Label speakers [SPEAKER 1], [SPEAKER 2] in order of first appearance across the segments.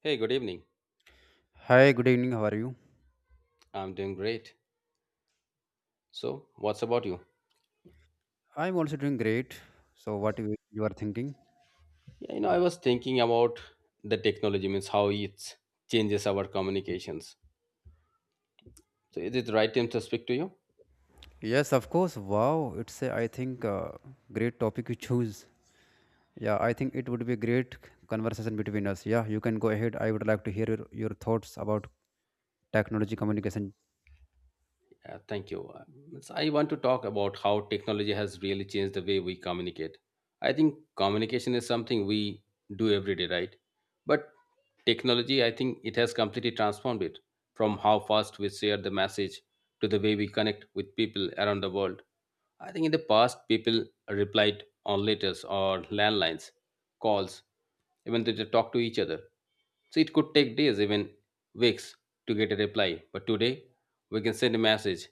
[SPEAKER 1] Hey, good evening.
[SPEAKER 2] Hi, good evening. How are you?
[SPEAKER 1] I'm doing great. So, what's about you?
[SPEAKER 2] I'm also doing great. So, what you are thinking?
[SPEAKER 1] I was thinking about the technology, means how it changes our communications. So, is it the right time to speak to you?
[SPEAKER 2] Yes, of course. Wow, it's a I think great topic you choose. Yeah, I think it would be a great conversation between us. Yeah, you can go ahead. I would like to hear your thoughts about technology communication.
[SPEAKER 1] Yeah, thank you. Means I want to talk about how technology has really changed the way we communicate. I think communication is something we do every day, right? But technology, I think it has completely transformed it from how fast we share the message to the way we connect with people around the world. I think in the past, people replied on letters or landlines, calls, even to talk to each other. So it could take days, even weeks, to get a reply. But today, we can send a message,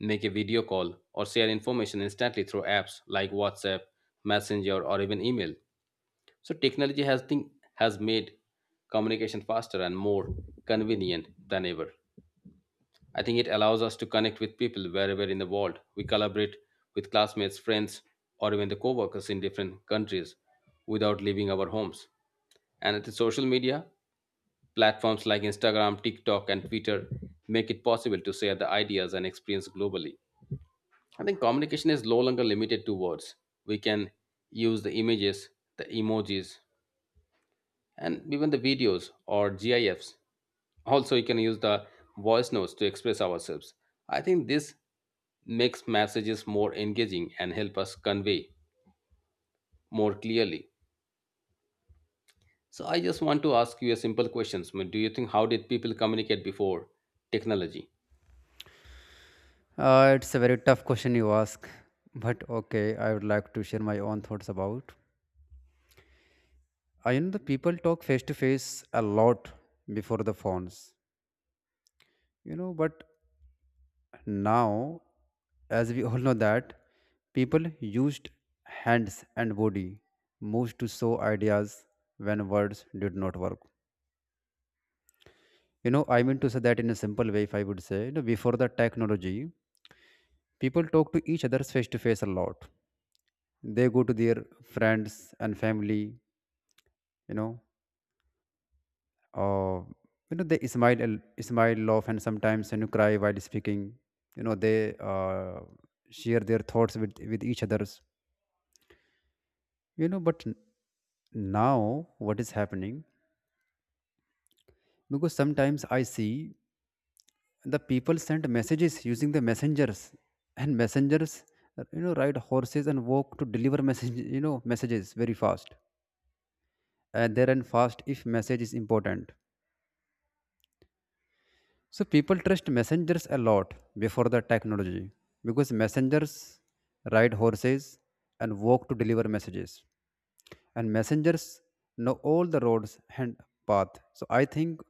[SPEAKER 1] make a video call, or share information instantly through apps like WhatsApp, Messenger, or even email. So technology has think has made communication faster and more convenient than ever. I think it allows us to connect with people wherever in the world. We collaborate with classmates, friends, or even the coworkers in different countries without leaving our homes. And at the social media, platforms like Instagram, TikTok, and Twitter make it possible to share the ideas and experience globally. I think communication is no longer limited to words. We can use the images, the emojis, and even the videos or GIFs also, we can use the voice notes to express ourselves. I think this makes messages more engaging and help us convey more clearly. So I just want to ask you a simple question. Do you think how did people communicate before technology?
[SPEAKER 2] It's a very tough question you ask, but okay, I would like to share my own thoughts about. I know the people talk face to face a lot before the phones, you know, but now, as we all know that people used hands and body moves to show ideas when words did not work. You know, I mean to say that in a simple way, if I would say, you know, before the technology, people talk to each other face to face a lot. They go to their friends and family, you know, uh, you know, they smile, smile, laugh, and sometimes you know, cry while speaking. You know, they share their thoughts with each others you know but now what is happening because sometimes I see the people send messages using the messengers, and messengers, you know, ride horses and walk to deliver message you know messages very fast, and they run fast if message is important. So people trust messengers a lot before the technology because messengers ride horses and walk to deliver messages, and messengers know all the roads and path. So I think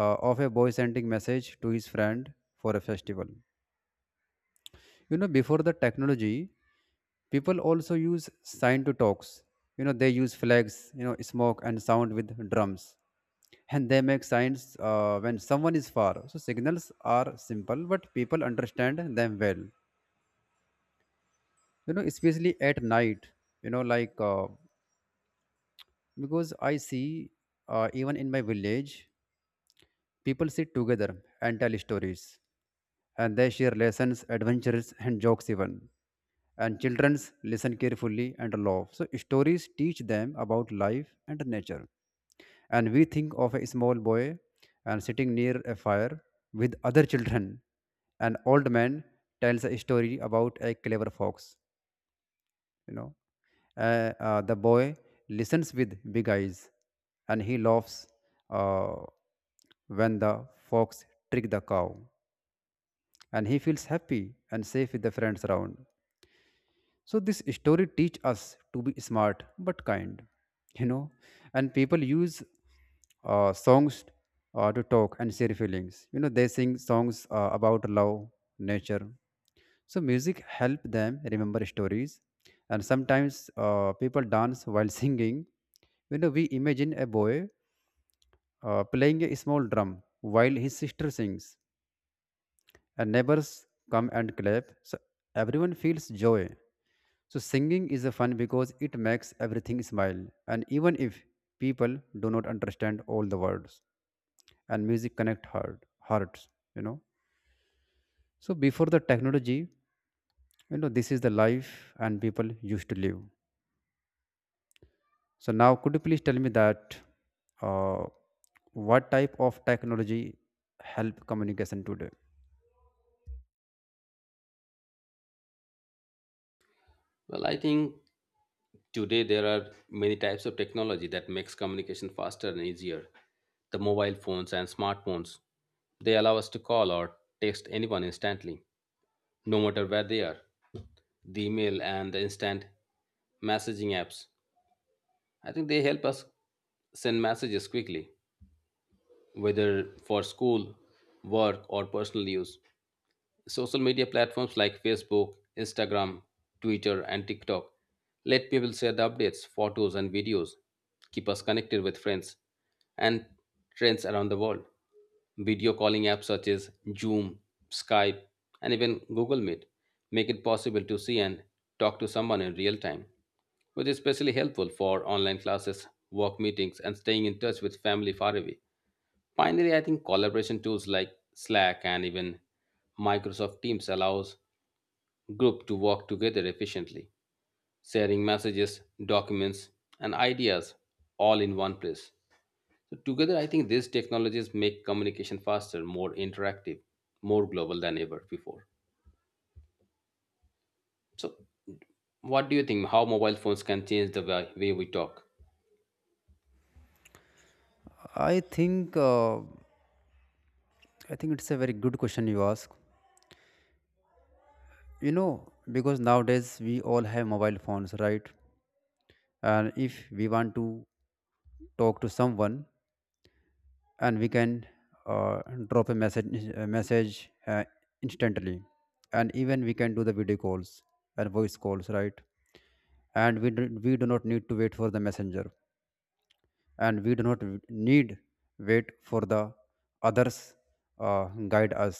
[SPEAKER 2] of a boy sending message to his friend for a festival. You know, before the technology, people also use sign to talks. You know, they use flags, you know, smoke and sound with drums, and they make signs when someone is far. So signals are simple, but people understand them well. You know, especially at night. You know, like because I see even in my village people sit together and tell stories, and they share lessons, adventures, and jokes even. And children listen carefully and laugh. So stories teach them about life and nature. And we think of a small boy and sitting near a fire with other children. An old man tells a story about a clever fox, you know. The boy listens with big eyes and he laughs uh, when the fox trick the cow, and he feels happy and safe with the friends around. So this story teach us to be smart but kind, you know. And people use songs to talk and share feelings, you know, they sing songs about love, nature. So music help them remember stories, and sometimes people dance while singing. You know, we imagine a boy playing a small drum while his sister sings, and neighbors come and clap. So everyone feels joy. So singing is a fun because it makes everything smile, and even if people do not understand all the words, and music connect hearts. You know, so before the technology, you know, this is the life and people used to live. So now, could you please tell me that uh, what type of technology help communication today?
[SPEAKER 1] Well, I think today there are many types of technology that makes communication faster and easier. The mobile phones and smartphones, they allow us to call or text anyone instantly, no matter where they are. The email and the instant messaging apps. I think they help us send messages quickly, whether for school, work, or personal use. Social media platforms like Facebook, Instagram, Twitter, and TikTok let people share the updates, photos, and videos, keep us connected with friends and trends around the world. Video calling apps such as Zoom, Skype, and even Google Meet make it possible to see and talk to someone in real time, which is especially helpful for online classes, work meetings, and staying in touch with family far away. Finally, I think collaboration tools like Slack and even Microsoft Teams allows group to work together efficiently, sharing messages, documents, and ideas all in one place. So together, I think these technologies make communication faster, more interactive, more global than ever before. So, what do you think? How mobile phones can change the way we talk?
[SPEAKER 2] I think it's a very good question you ask. You know, because nowadays we all have mobile phones, right? And if we want to talk to someone, and we can uh, drop a message instantly, and even we can do the video calls and voice calls, right? And we do not need to wait for the messenger, and we do not need wait for the others uh, guide us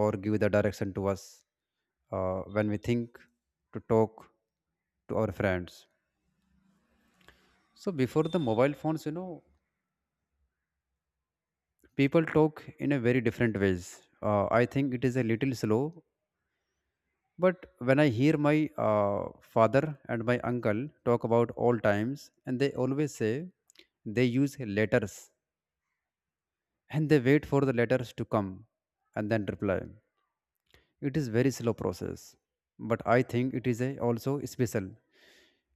[SPEAKER 2] or give the direction to us when we think to talk to our friends. So before the mobile phones, you know, people talk in a very different ways. I think it is a little slow, but when I hear my uh, father and my uncle talk about old times, and they always say they use letters and they wait for the letters to come and then reply. It is very slow process, but I think it is a also special.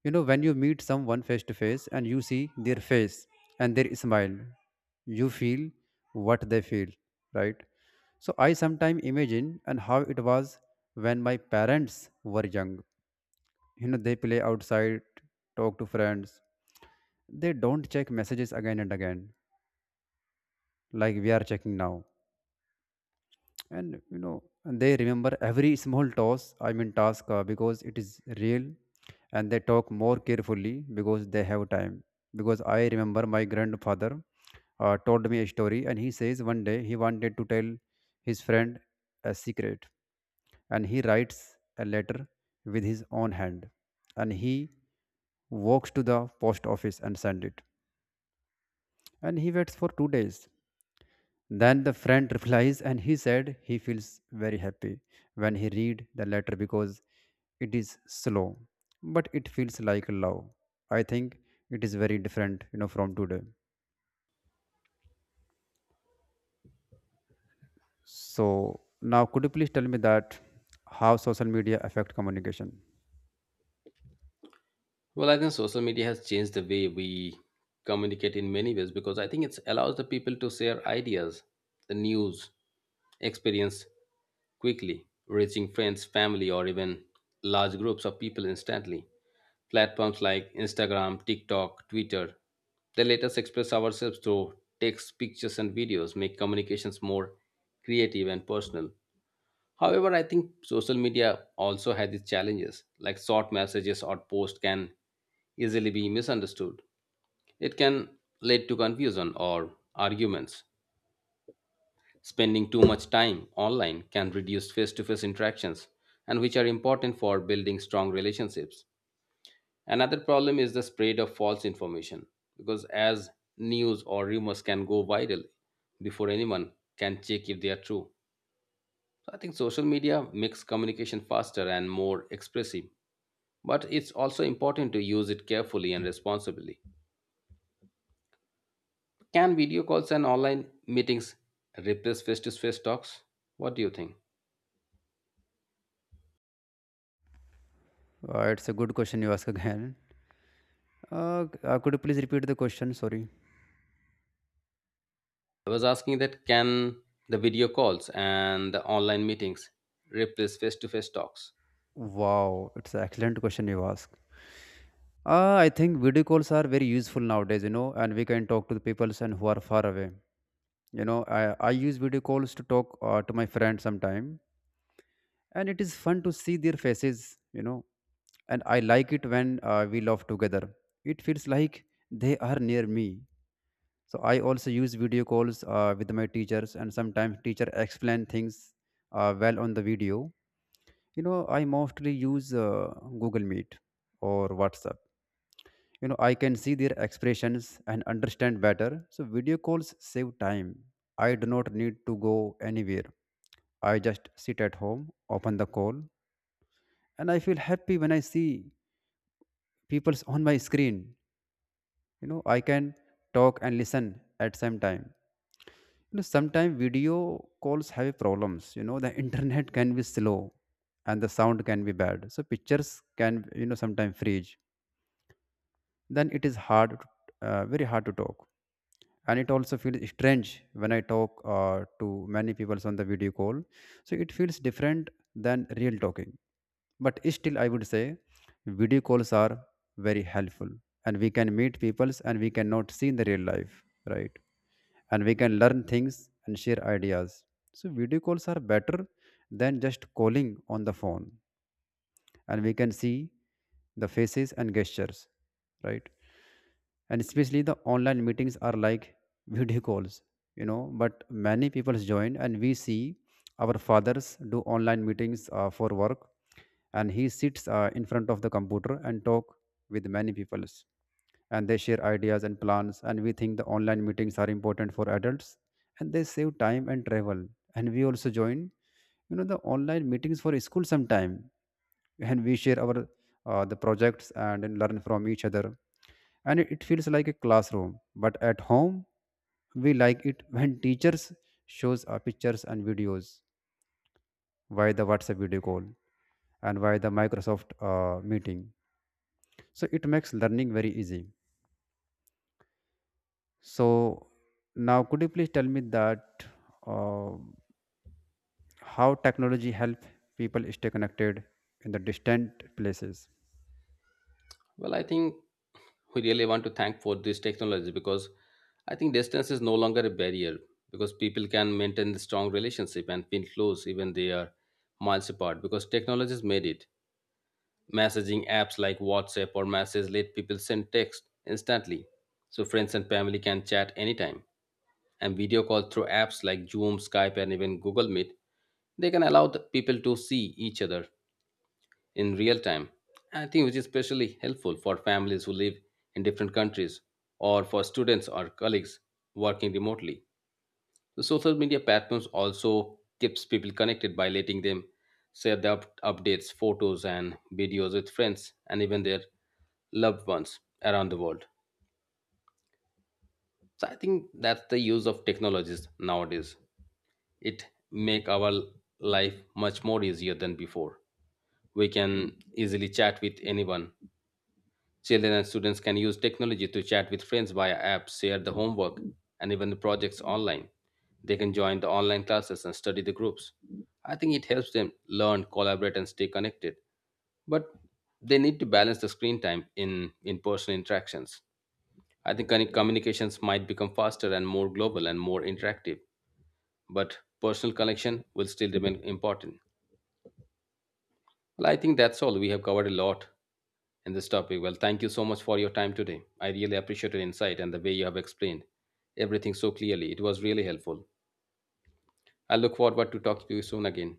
[SPEAKER 2] You know, when you meet someone face to face and you see their face and their smile, you feel what they feel, right? So I sometimes imagine and how it was when my parents were young. You know, they play outside, talk to friends, they don't check messages again and again like we are checking now. And you know, and they remember every small toss I mean task because it is real, and they talk more carefully because they have time. Because I remember my grandfather told me a story, and he says one day he wanted to tell his friend a secret, and he writes a letter with his own hand, and he walks to the post office and sends it, and he waits for 2 days, then the friend replies, and he said he feels very happy when he read the letter because it is slow, but it feels like love. I think it is very different, you know, from today. So now could you please tell me that how social media affect communication?
[SPEAKER 1] Well, I think social media has changed the way we communicate in many ways because I think it allows the people to share ideas, the news, experience quickly, reaching friends, family, or even large groups of people instantly. Platforms like Instagram, TikTok, Twitter, they let us express ourselves through text, pictures, and videos, make communications more creative and personal. However, I think social media also has its challenges, like short messages or posts can easily be misunderstood. It can lead to confusion or arguments. Spending too much time online can reduce face to face interactions, and which are important for building strong relationships. Another problem is the spread of false information, because as news or rumors can go viral before anyone can check if they are true. So I think social media makes communication faster and more expressive but it's also important to use it carefully and responsibly. Can video calls and online meetings replace face to face talks? What do you think?
[SPEAKER 2] It's a good question you ask again. Could you please repeat the question? Sorry.
[SPEAKER 1] I was asking that can the video calls and the online meetings replace face to face talks?
[SPEAKER 2] Wow, it's an excellent question you ask. I think video calls are very useful nowadays, you know, and we can talk to the people and who are far away. You know, I use video calls to talk to my friends sometime, and it is fun to see their faces, you know, and I like it when we laugh together. It feels like they are near me. So I also use video calls with my teachers, and sometimes teacher explain things well on the video. You know, I mostly use Google Meet or WhatsApp. You know, I can see their expressions and understand better. So video calls save time, I do not need to go anywhere, I just sit at home, open the call, and I feel happy when I see people's on my screen. You know, I can talk and listen at same time. You know, sometimes video calls have problems, you know the internet can be slow and the sound can be bad, so pictures can, you know, sometimes freeze, then it is hard to- very hard to talk. And it also feels strange when I talk to many people on the video call. So it feels different than real talking, but still I would say video calls are very helpful, and we can meet peoples and we cannot see in the real life, right? And we can learn things and share ideas. So video calls are better than just calling on the phone, and we can see the faces and gestures, right? And especially the online meetings are like video calls, you know, but many people join, and we see our fathers do online meetings for work, and he sits in front of the computer and talk with many people, and they share ideas and plans. And we think the online meetings are important for adults, and they save time and travel. And we also join, you know, the online meetings for school sometime, and we share our the projects and learn from each other. And it feels like a classroom, but at home. We like it when teachers shows pictures and videos via the WhatsApp video call and via the Microsoft meeting. So it makes learning very easy. So now could you please tell me that uh, how technology help people stay connected in the distant places?
[SPEAKER 1] Well, I think we really want to thank for this technology because I think distance is no longer a barrier because people can maintain the strong relationship and feel close even they are miles apart because technology has made it. Messaging apps like WhatsApp or Message let people send text instantly, so friends and family can chat anytime. And video call through apps like Zoom, Skype, and even Google Meet, they can allow the people to see each other in real time. I think which is especially helpful for families who live in different countries or for students or colleagues working remotely. The social media platforms also keeps people connected by letting them share their updates, photos, and videos with friends and even their loved ones around the world. So I think that's the use of technologies nowadays. It make our life much more easier than before. We can easily chat with anyone. Children and students can use technology to chat with friends via apps, share the homework, and even the projects online. They can join the online classes and study the groups. I think it helps them learn, collaborate, and stay connected. But they need to balance the screen time in person interactions. I think communications might become faster and more global and more interactive, but personal connection will still remain important. Well, I think that's all. We have covered a lot in this topic. Well, thank you so much for your time today. I really appreciate your insight and the way you have explained everything so clearly. It was really helpful. I look forward to talking to you soon again.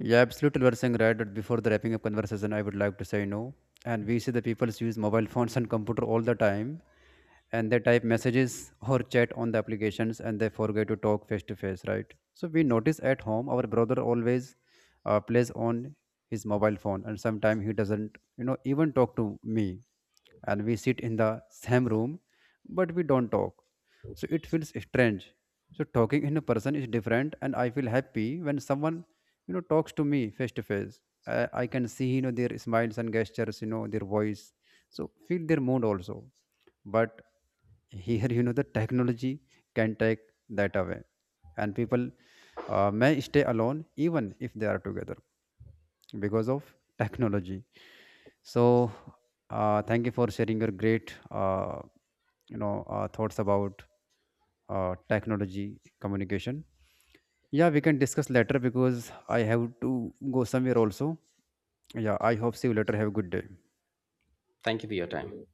[SPEAKER 2] Yeah, absolutely. We're saying right, but before the wrapping up conversation, I would like to say no. And we see the people use mobile phones and computer all the time, and they type messages or chat on the applications, and they forget to talk face to face, right? So we notice at home our brother always plays on his mobile phone, and sometimes he doesn't you know even talk to me, and we sit in the same room but we don't talk. So it feels strange. So talking in a person is different, and I feel happy when someone you know talks to me face to face. I can see you know their smiles and gestures, you know, their voice. So feel their mood also. But here, you know, the technology can take that away, and people may stay alone even if they are together because of technology. So thank you for sharing your great you know thoughts about technology communication. Yeah, we can discuss later because I have to go somewhere also. Yeah, I hope see you later, have a good day.
[SPEAKER 1] Thank you for your time.